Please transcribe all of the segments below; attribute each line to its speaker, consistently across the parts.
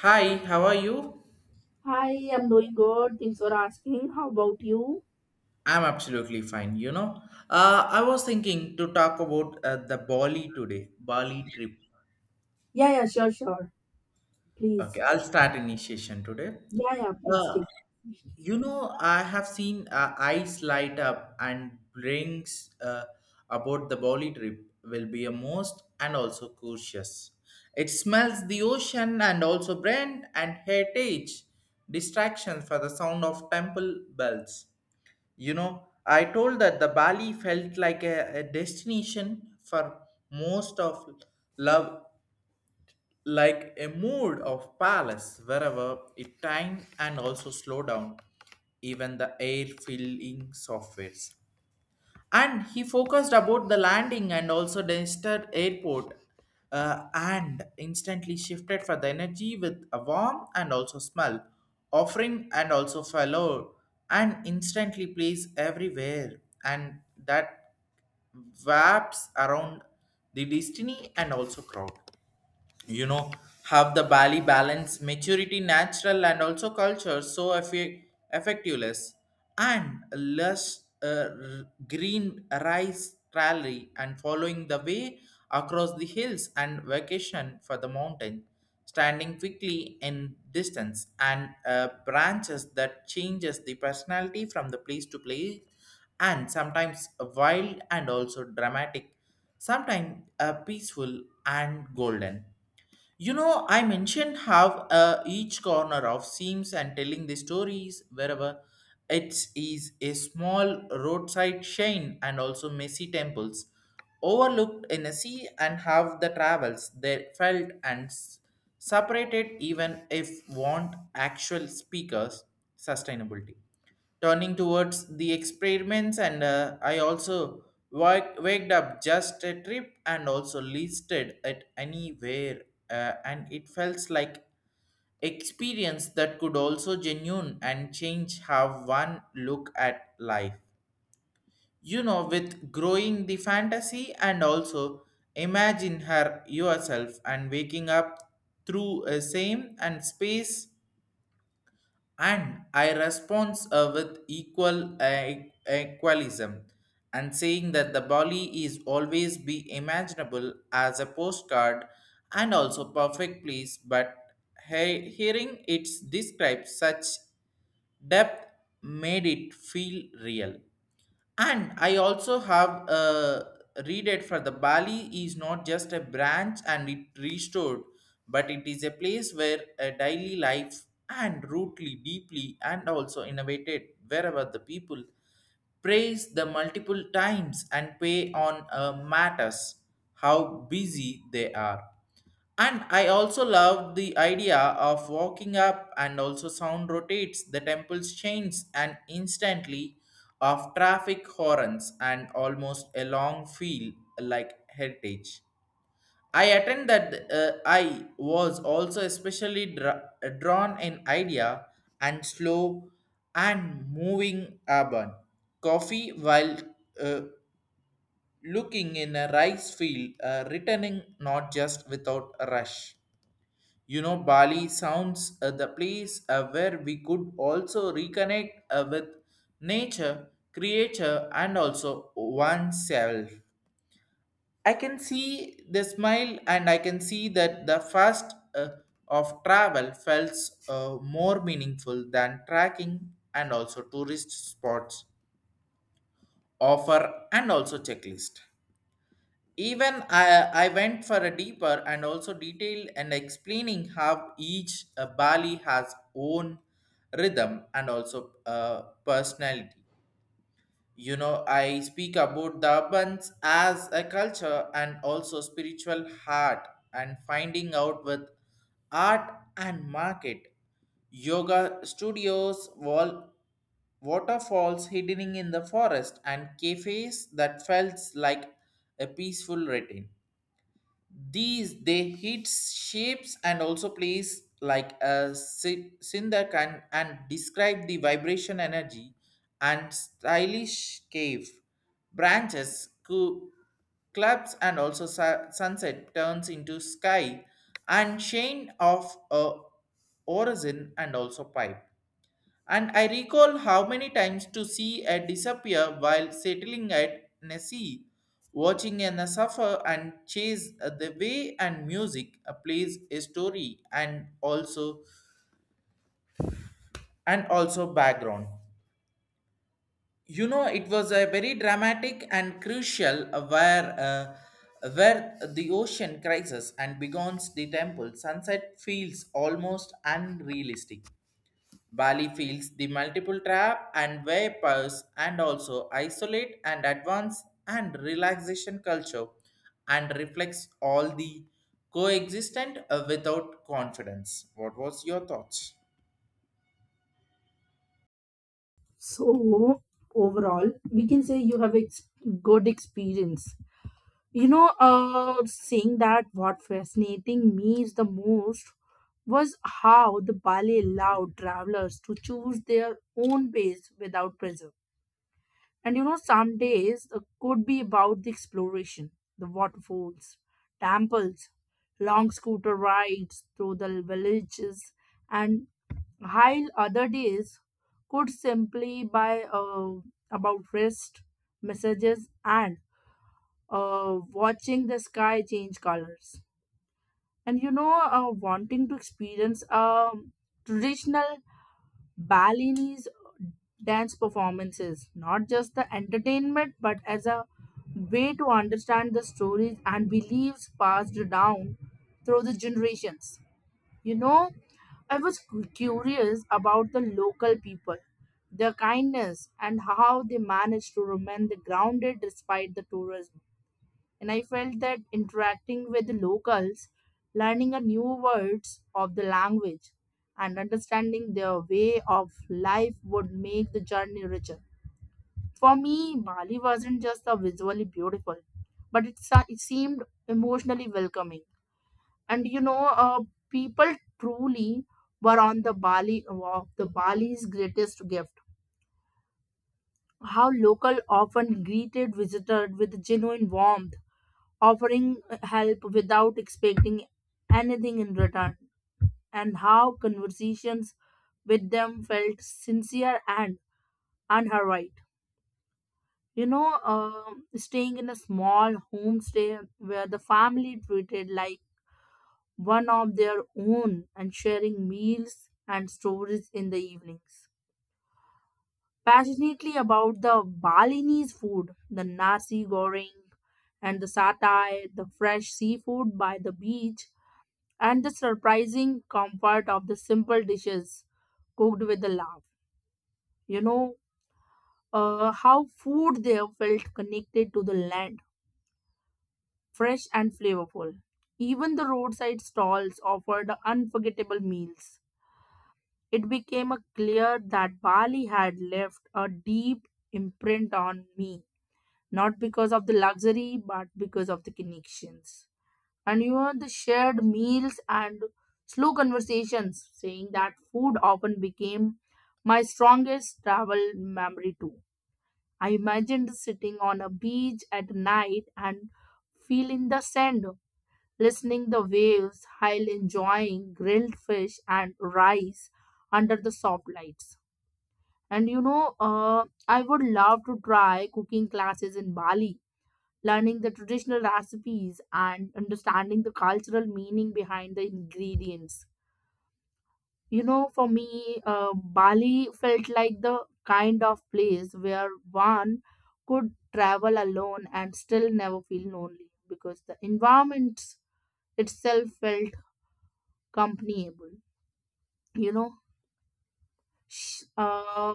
Speaker 1: Hi, how are you?
Speaker 2: Hi, I'm doing good. Thanks for asking. How about you?
Speaker 1: I'm absolutely fine, you know. I was thinking to talk about the Bali today, Bali trip.
Speaker 2: Yeah, yeah, sure, sure.
Speaker 1: Okay,
Speaker 2: Please.
Speaker 1: I'll start initiation today.
Speaker 2: Yeah, yeah, please
Speaker 1: Uh,
Speaker 2: take.
Speaker 1: I have seen eyes light up and brings about the Bali trip will be a most and also cautious. It smells the ocean and also brand and heritage distractions for the sound of temple bells. You know, I told that the Bali felt like a destination for most of love, like a mood of palace, wherever it time and also slow down, even the air filling softwares and he focused about the landing and also Dexter Airport, and instantly shifted for the energy with a warm and also smell, offering and also fellow and instantly plays everywhere and that wraps around the destiny and also crowd, you know, have the bali balance maturity natural and also culture so effectiveless and less green rice rally and following the way across the hills and vacation for the mountain standing quickly in distance and branches that changes the personality from the place to place and sometimes wild and also dramatic, sometimes peaceful and golden. You know, I mentioned how each corner of seams and telling the stories wherever it is a small roadside shane and also messy temples overlooked in a sea and have the travels they felt and separated even if want actual speakers sustainability turning towards the experiments and I also waked up just a trip and also listed it anywhere. And it felt like experience that could also genuine and change how one look at life, you know, with growing the fantasy and also imagine her yourself and waking up through a same and space. And I respond with equal equalism and saying that the Bali is always be imaginable as a postcard and also perfect place but hearing it described such depth made it feel real. And I also have read it for the Bali is not just a branch and it restored, but it is a place where a daily life and rootly deeply and also innovated wherever the people praise the multiple times and pay on matters how busy they are. And I also love the idea of walking up and also sound rotates the temple's chains and instantly of traffic horns and almost a long feel like heritage. I attend that I was also especially drawn in idea and slow and moving urban coffee while, uh, looking in a rice field, returning not just without a rush. You know, Bali sounds the place where we could also reconnect with nature, creature, and also oneself. I can see the smile, and I can see that the first of travel felt more meaningful than tracking and also tourist spots offer and also checklist. Even I went for a deeper and also detailed and explaining how each Bali has own rhythm and also personality. You know, I speak about the Urbans as a culture and also spiritual heart and finding out with art and market, yoga studios, wall waterfalls hidden in the forest and cafes that felt like a peaceful retreat. These they hit shapes and also plays like a sindakan and describe the vibration energy and stylish cave branches, clubs and also sunset turns into sky and chain of a origin and also pipe. And I recall how many times to see her disappear while settling at Nessie, watching her suffer and chase the way and music plays a story and also background. You know, it was a very dramatic and crucial where the ocean crisis and begins the temple sunset feels almost unrealistic. Bali feels the multiple trap and vapors and also isolate and advance and relaxation culture and reflects all the coexistent without confidence. What was your thoughts?
Speaker 2: So, overall, we can say you have good experience. You know, saying that what fascinating me is the most was how the ballet allowed travelers to choose their own pace without pressure. And you know, some days could be about the exploration, the waterfalls, temples, long scooter rides through the villages, and while other days could simply by about rest, messages, and watching the sky change colors. And you know, wanting to experience a traditional Balinese dance performances, not just the entertainment, but as a way to understand the stories and beliefs passed down through the generations. You know, I was curious about the local people, their kindness, and how they managed to remain grounded despite the tourism, and I felt that interacting with locals, learning a new words of the language, and understanding their way of life would make the journey richer. For me, Bali wasn't just a visually beautiful, but it, it seemed emotionally welcoming. And you know, people truly were on the Bali of the Bali's greatest gift. How local often greeted visitors with genuine warmth, offering help without expecting anything in return, and how conversations with them felt sincere and unhurried. You know, staying in a small homestay where the family treated like one of their own and sharing meals and stories in the evenings. Passionately about the Balinese food, the nasi goreng and the satay, the fresh seafood by the beach, and the surprising comfort of the simple dishes cooked with a love. You know, how food there felt connected to the land, fresh and flavorful. Even the roadside stalls offered unforgettable meals. It became a clear that Bali had left a deep imprint on me, not because of the luxury, but because of the connections. And you know, the shared meals and slow conversations, saying that food often became my strongest travel memory too. I imagined sitting on a beach at night and feeling the sand, listening the waves while enjoying grilled fish and rice under the soft lights. And you know, I would love to try cooking classes in Bali, learning the traditional recipes and understanding the cultural meaning behind the ingredients. You know, for me, Bali felt like the kind of place where one could travel alone and still never feel lonely because the environment itself felt companionable. You know, Sh- uh,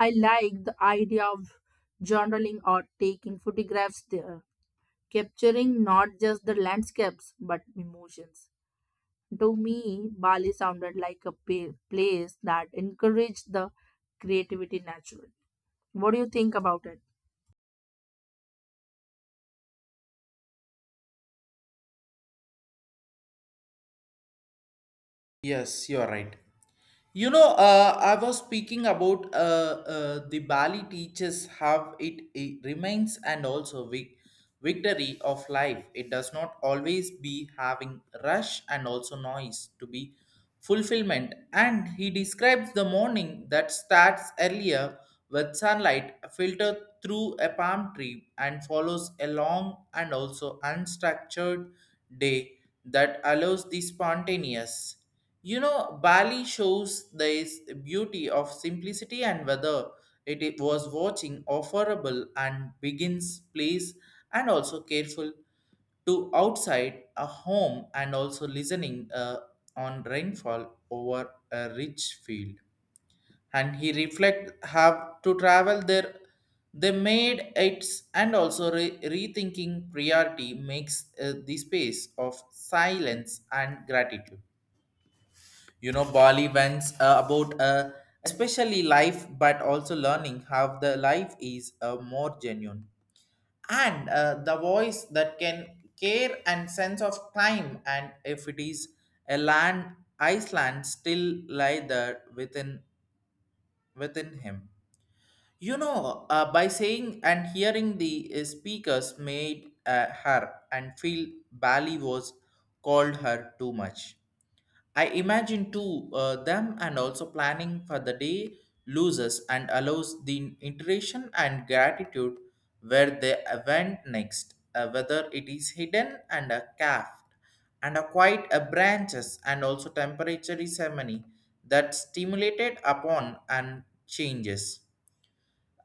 Speaker 2: I like the idea of journaling or taking photographs there, capturing not just the landscapes but emotions. To me, Bali sounded like a place that encouraged the creativity naturally. What do you think about it?
Speaker 1: Yes, you are right. You know, I was speaking about the Bali teaches how it remains and also victory of life. It does not always be having rush and also noise to be fulfillment. And he describes the morning that starts earlier with sunlight filtered through a palm tree and follows a long and also unstructured day that allows the spontaneous. You know, Bali shows this beauty of simplicity and whether it was watching offerable and begins place and also careful to outside a home and also listening on rainfall over a rich field. And he reflect have to travel there. They made it and also rethinking priority makes the space of silence and gratitude. You know, bali went about especially life but also learning how the life is more genuine and the voice that can care and sense of time and if it is a land iceland still lie there within him. You know, by saying and hearing the speakers made her and feel bali was called her too much. I imagine to them and also planning for the day loses and allows the iteration and gratitude where they went next, whether it is hidden and a calf and a quiet a branches and also temperature ceremony that stimulated upon and changes.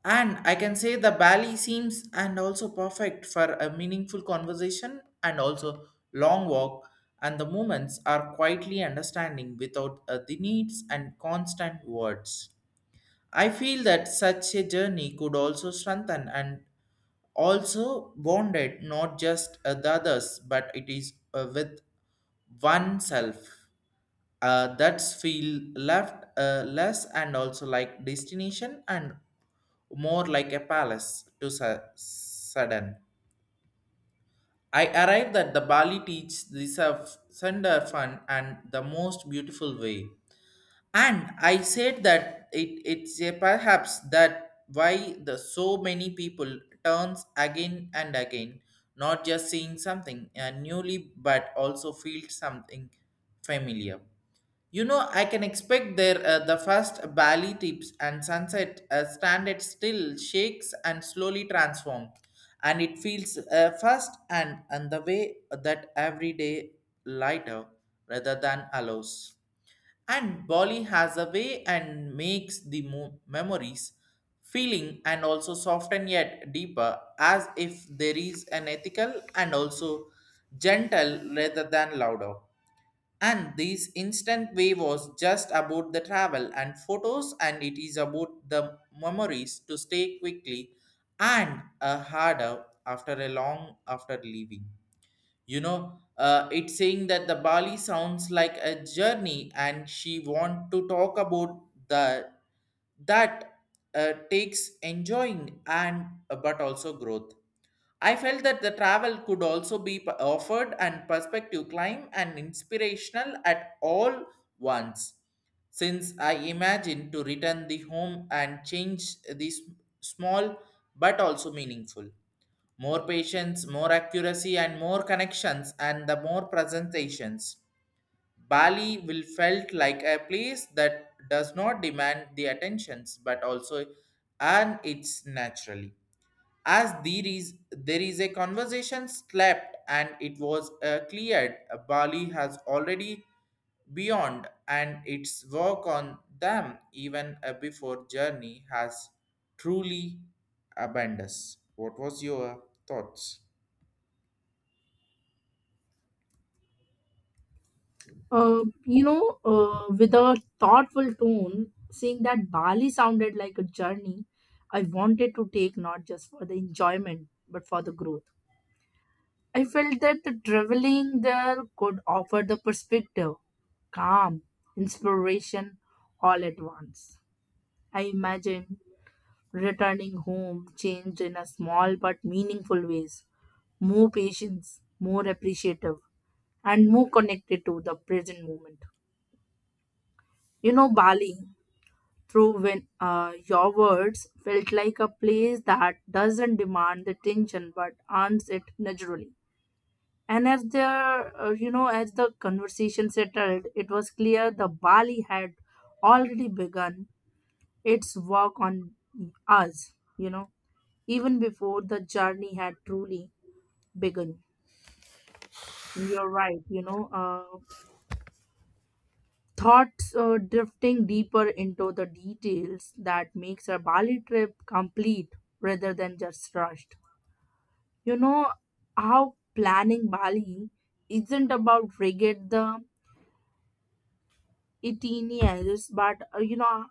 Speaker 1: And I can say the ballet seems and also perfect for a meaningful conversation and also long walk and the moments are quietly understanding without the needs and constant words. I feel that such a journey could also strengthen and also bonded not just the others but it is with oneself, that's feel left less and also like destination and more like a palace to sudden. I arrived at the Bali Teach this a thunder fun and the most beautiful way. And I said that it's a perhaps that why the so many people turns again and again, not just seeing something newly but also feel something familiar. You know, I can expect there the first valley tips and sunset stand it still shakes and slowly transform, and it feels first and the way that every day lighter rather than allows. And Bali has a way and makes the memories feeling and also soften yet deeper as if there is an ethical and also gentle rather than louder, and this instant way was just about the travel and photos, and it is about the memories to stay quickly and a harder after a long after leaving. You know, it's saying that the Bali sounds like a journey, and she want to talk about the that takes enjoying and but also growth. I felt that the travel could also be offered and perspective climb and inspirational at all once, since I imagine to return the home and change these small but also meaningful, more patience, more accuracy, and more connections, and the more presentations. Bali will felt like a place that does not demand the attentions, but also earn its naturally. As there is a conversation slept and it was cleared, Bali has already beyond and its work on them even before journey has truly abandoned us. What was your thoughts?
Speaker 2: You know, with a thoughtful tone, saying that Bali sounded like a journey I wanted to take not just for the enjoyment but for the growth. I felt that the traveling there could offer the perspective, calm, inspiration all at once. I imagine returning home changed in a small but meaningful ways, more patience, more appreciative, and more connected to the present moment. You know, Bali, through when your words felt like a place that doesn't demand the attention but earns it naturally. And as the you know, as the conversation settled, it was clear the Bali had already begun its work on us. You know, even before the journey had truly begun. You're right, you know, thoughts drifting deeper into the details that makes a Bali trip complete rather than just rushed. You know how planning Bali isn't about rigid the itineraries, but uh, you know,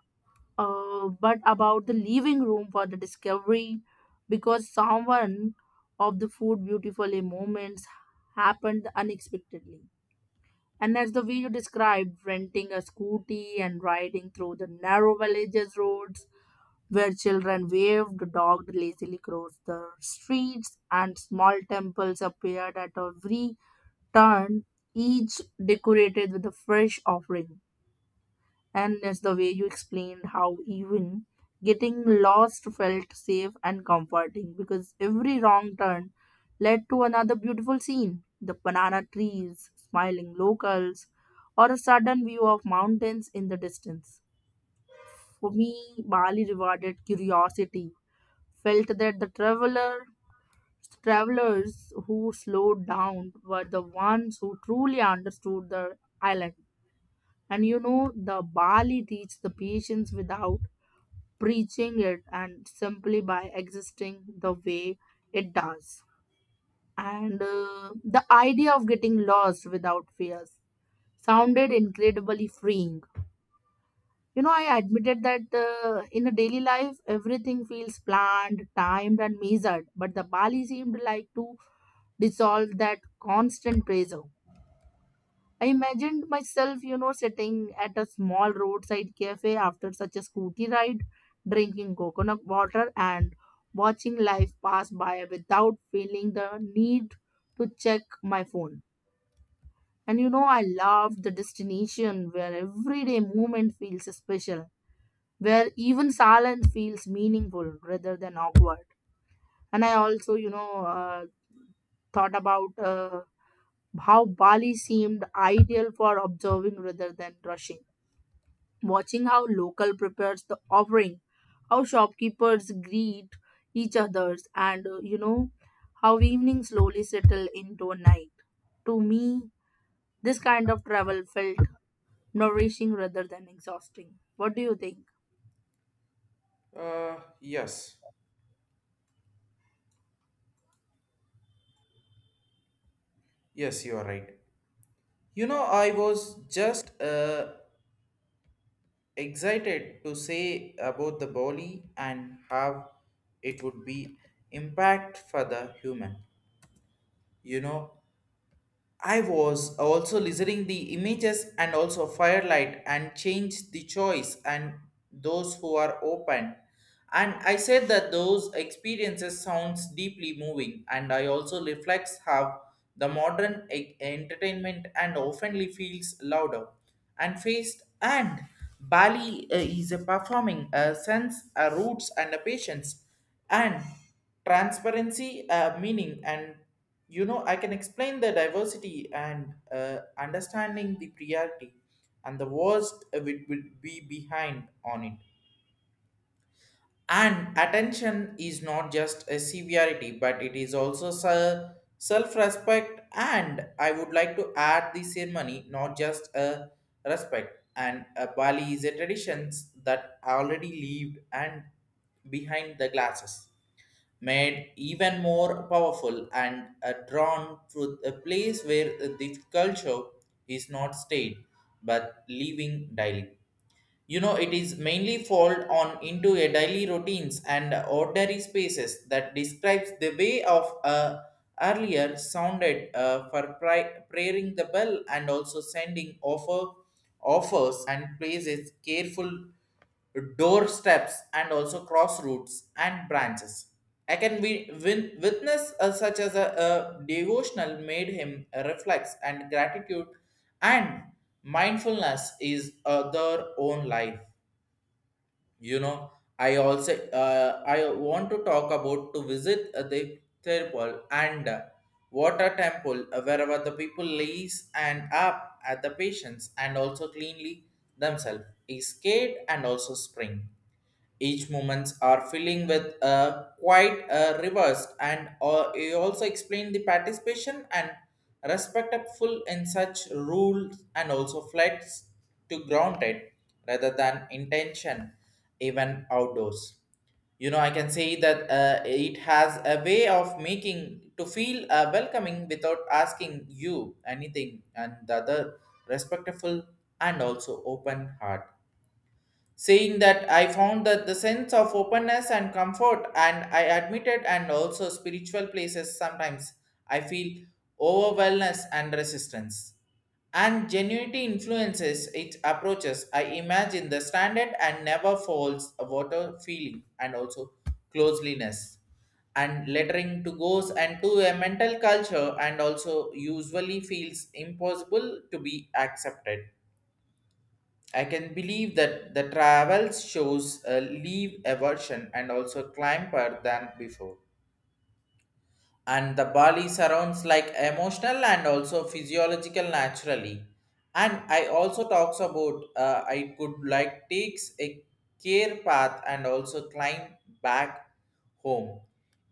Speaker 2: uh, but about the leaving room for the discovery, because someone of the food beautifully moments happened unexpectedly. And as the video described, renting a scooty and riding through the narrow villages roads where children waved, the lazily across the streets, and small temples appeared at every turn, each decorated with a fresh offering. And as the way you explained how even getting lost felt safe and comforting because every wrong turn led to another beautiful scene, the banana trees, smiling locals, or a sudden view of mountains in the distance. For me, Bali rewarded curiosity, felt that the travelers who slowed down were the ones who truly understood the island. And you know, the Bali teach the patience without preaching it, and simply by existing the way it does. And the idea of getting lost without fears sounded incredibly freeing. You know, I admitted that in a daily life, everything feels planned, timed, and measured, but the Bali seemed like to dissolve that constant pressure. I imagined myself, you know, sitting at a small roadside cafe after such a scooty ride, drinking coconut water and watching life pass by without feeling the need to check my phone. And you know, I love the destination where everyday moment feels special, where even silence feels meaningful rather than awkward. And I also, you know, thought about how Bali seemed ideal for observing rather than rushing. Watching how local prepares the offering, how shopkeepers greet each others, and you know, how evening slowly settle into a night. To me, this kind of travel felt nourishing rather than exhausting. What do you think?
Speaker 1: Uh, yes, yes, you are right. You know, I was just excited to say about the body and how it would be impact for the human. You know, I was also listening the images and also firelight and change the choice and those who are open. And I said that those experiences sounds deeply moving and I also reflects how the modern entertainment and oftenly feels louder and faced and Bali is a performing a sense, a roots and a patience and transparency, a meaning and, you know, I can explain the diversity and understanding the priority and the worst would be behind on it and attention is not just a severity, but it is also self respect. And I would like to add the ceremony, not just a respect. And a Bali is a traditions that already lived and behind the glasses, made even more powerful and drawn to a place where the culture is not stayed but living daily. You know, it is mainly fold on into a daily routines and ordinary spaces that describes the way of earlier sounded for praying the bell and also sending offers and places careful doorsteps and also crossroads and branches. I can be witness such as a devotional made him reflex and gratitude and mindfulness is their own life. You know, I also I want to talk about to visit the temple and water temple wherever the people lays and up at the patients and also cleanly themselves is scared and also spring each moments are filling with quite reversed and he also explained the participation and respectful in such rules and also flats to grounded rather than intention even outdoors. You know, I can say that it has a way of making to feel welcoming without asking you anything and the other respectful and also open heart, saying that I found that the sense of openness and comfort, and I admitted, and also spiritual places sometimes I feel overwhelmness and resistance. And genuinity influences its approaches. I imagine the standard and never falls a water feeling and also closeliness and lettering to goes and to a mental culture and also usually feels impossible to be accepted. I can believe that the travels shows a leave aversion and also climber than before. And the Bali surrounds like emotional and also physiological naturally. And I also talks about I could like takes a care path and also climb back home.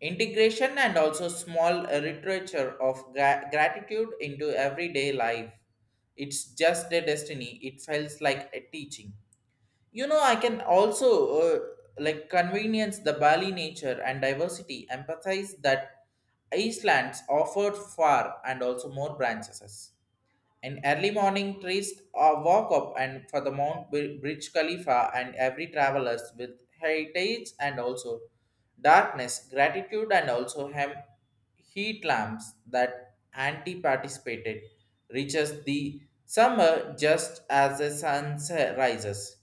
Speaker 1: Integration and also small literature of gratitude into everyday life. It's just a destiny. It feels like a teaching. You know, I can also like convenience the Bali nature and diversity empathize that Iceland's offered far and also more branches. In early morning, trees walk up and for the Mount Bridge Khalifa and every travelers with heritage and also darkness, gratitude and also hem heat lamps that anti-participated reaches the summer just as the sun rises.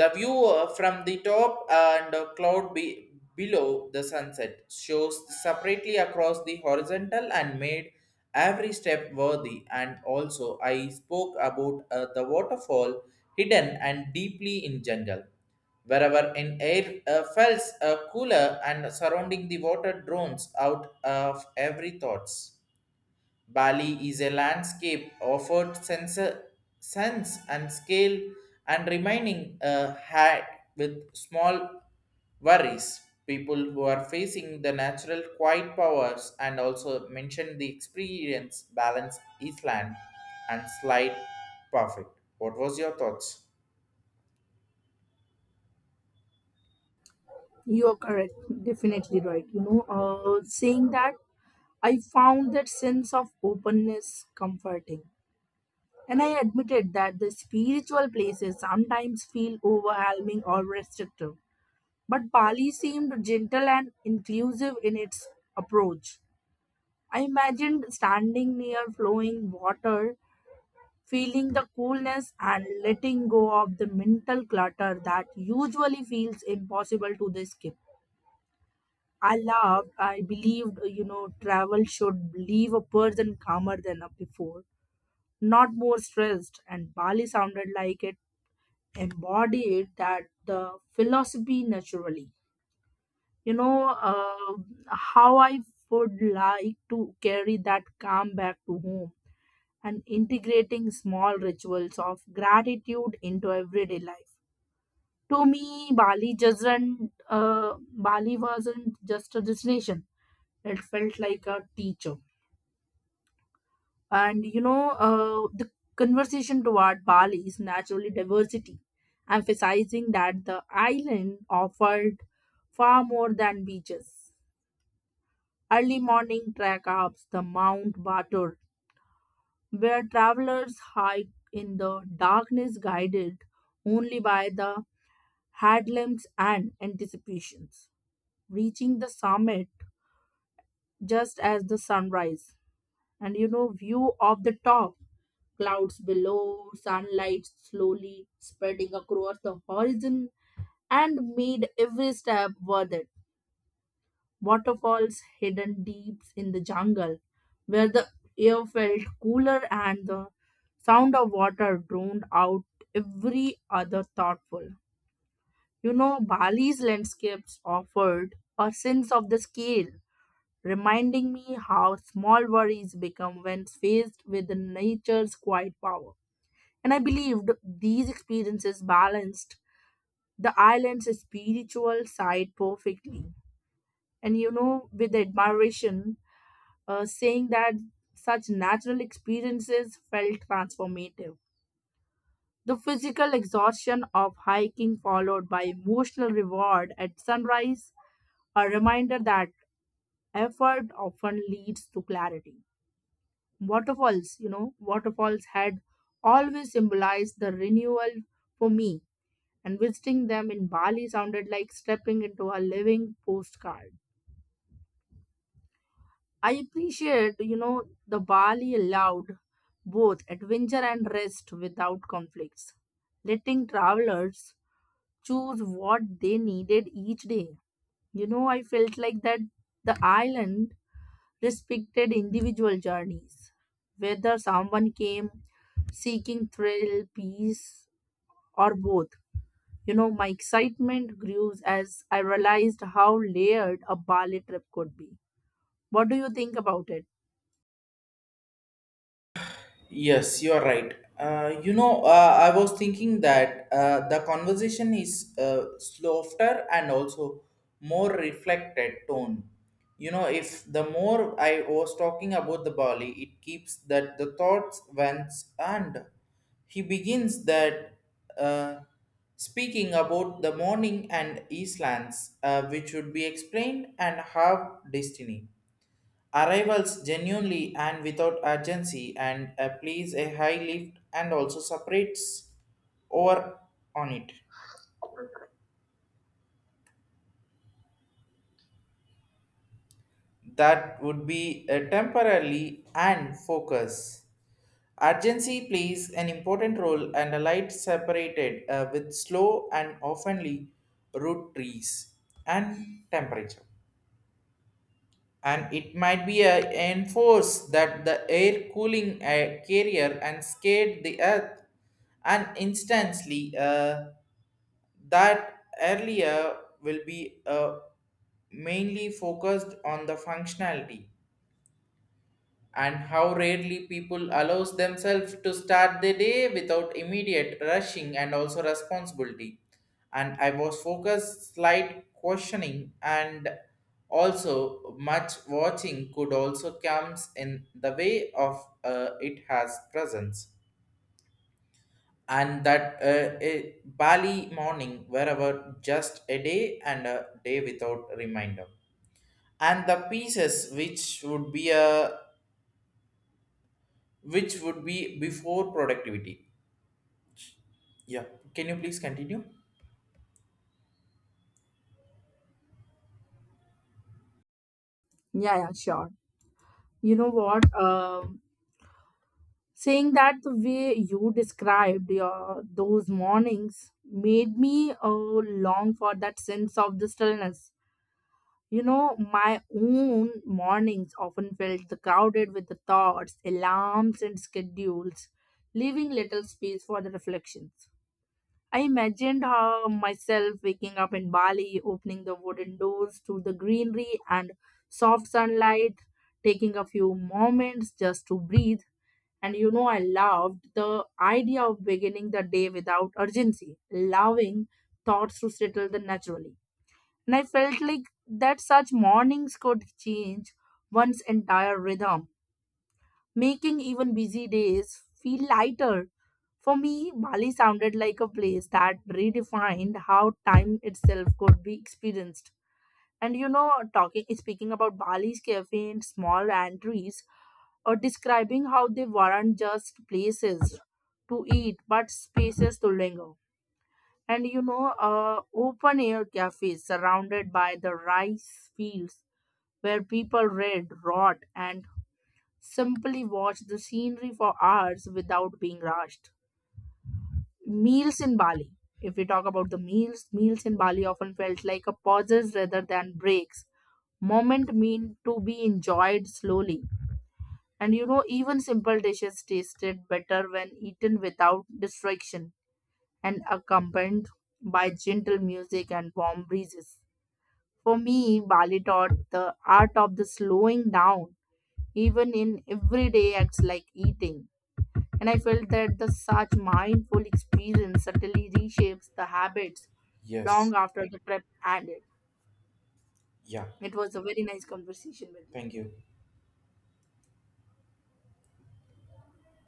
Speaker 1: The view from the top and below the sunset shows separately across the horizontal and made every step worthy. And also, I spoke about the waterfall hidden and deeply in jungle wherever an air fells cooler and surrounding the water drones out of every thoughts. Bali is a landscape offered sense, sense and scale and remaining a hat with small worries. People who are facing the natural quiet powers and also mention the experience balance Eastland and slide perfect. What was your thoughts?
Speaker 2: You are correct, definitely right. You know, saying that, I found that sense of openness comforting. And I admitted that the spiritual places sometimes feel overwhelming or restrictive. But Bali seemed gentle and inclusive in its approach. I imagined standing near flowing water, feeling the coolness and letting go of the mental clutter that usually feels impossible to escape. I loved, I believed, you know, travel should leave a person calmer than before, not more stressed. And Bali sounded like it embodied that the philosophy naturally. You know, how I would like to carry that calm back to home and integrating small rituals of gratitude into everyday life. To me, Bali doesn't, uh, Bali wasn't just a destination, it felt like a teacher. And you know, the conversation toward Bali is naturally diversity, emphasizing that the island offered far more than beaches. Early morning trek up the Mount Batur, where travelers hike in the darkness guided only by the headlamps and anticipations. Reaching the summit just as the sunrise, and you know, view of the top, clouds below, sunlight slowly spreading across the horizon, and made every step worth it. Waterfalls hidden deep in the jungle, where the air felt cooler and the sound of water drowned out every other thoughtful. You know, Bali's landscapes offered a sense of the scale, reminding me how small worries become when faced with nature's quiet power. And I believed these experiences balanced the island's spiritual side perfectly. And you know, with admiration, saying that such natural experiences felt transformative. The physical exhaustion of hiking, followed by emotional reward at sunrise, a reminder that effort often leads to clarity. Waterfalls had always symbolized the renewal for me, and visiting them in Bali sounded like stepping into a living postcard. I appreciate, you know, the Bali allowed both adventure and rest without conflicts, letting travelers choose what they needed each day. You know, I felt like that the island respected individual journeys, whether someone came seeking thrill, peace, or both. You know, my excitement grew as I realized how layered a Bali trip could be. What do you think about it?
Speaker 1: Yes, you are right. You know, I was thinking that the conversation is softer and also more reflected tone. You know, if the more I was talking about the Bali, it keeps that the thoughts vents and he begins that uh, speaking about the morning and Eastlands, which would be explained and have destiny. Arrivals genuinely and without urgency and please a high lift and also separates over on it. That would be temporarily and focus. Urgency plays an important role and a light separated with slow and oftenly root trees and temperature. And it might be a enforce that the air cooling carrier and scared the earth and instantly that earlier will be mainly focused on the functionality and how rarely people allows themselves to start the day without immediate rushing and also responsibility. And I was focused slight questioning and also much watching could also comes in the way of it has presence. And that a Bali morning wherever just a day and a day without reminder and the pieces which would be a which would be before productivity. Yeah, can you please continue?
Speaker 2: Yeah, yeah, sure. You know what, saying that the way you described your those mornings made me long for that sense of the stillness. You know, my own mornings often felt the crowded with the thoughts, alarms, and schedules, leaving little space for the reflections. I imagined how myself waking up in Bali, opening the wooden doors to the greenery and soft sunlight, taking a few moments just to breathe. And you know, I loved the idea of beginning the day without urgency, allowing thoughts to settle then naturally. And I felt like that such mornings could change one's entire rhythm, making even busy days feel lighter. For me, Bali sounded like a place that redefined how time itself could be experienced. And you know, talking speaking about Bali's cafe and small entries, or describing how they weren't just places to eat but spaces to linger. And you know, open air cafes surrounded by the rice fields where people read, wrote, and simply watched the scenery for hours without being rushed. Meals in Bali. If we talk about the meals, meals in Bali often felt like a pauses rather than breaks. Moment mean to be enjoyed slowly. And you know, even simple dishes tasted better when eaten without distraction and accompanied by gentle music and warm breezes. For me, Bali taught the art of the slowing down, even in everyday acts like eating. And I felt that the such mindful experience certainly reshapes the habits
Speaker 1: Yes.
Speaker 2: long after the prep ended.
Speaker 1: Yeah.
Speaker 2: It was a very nice conversation with you.
Speaker 1: Thank you.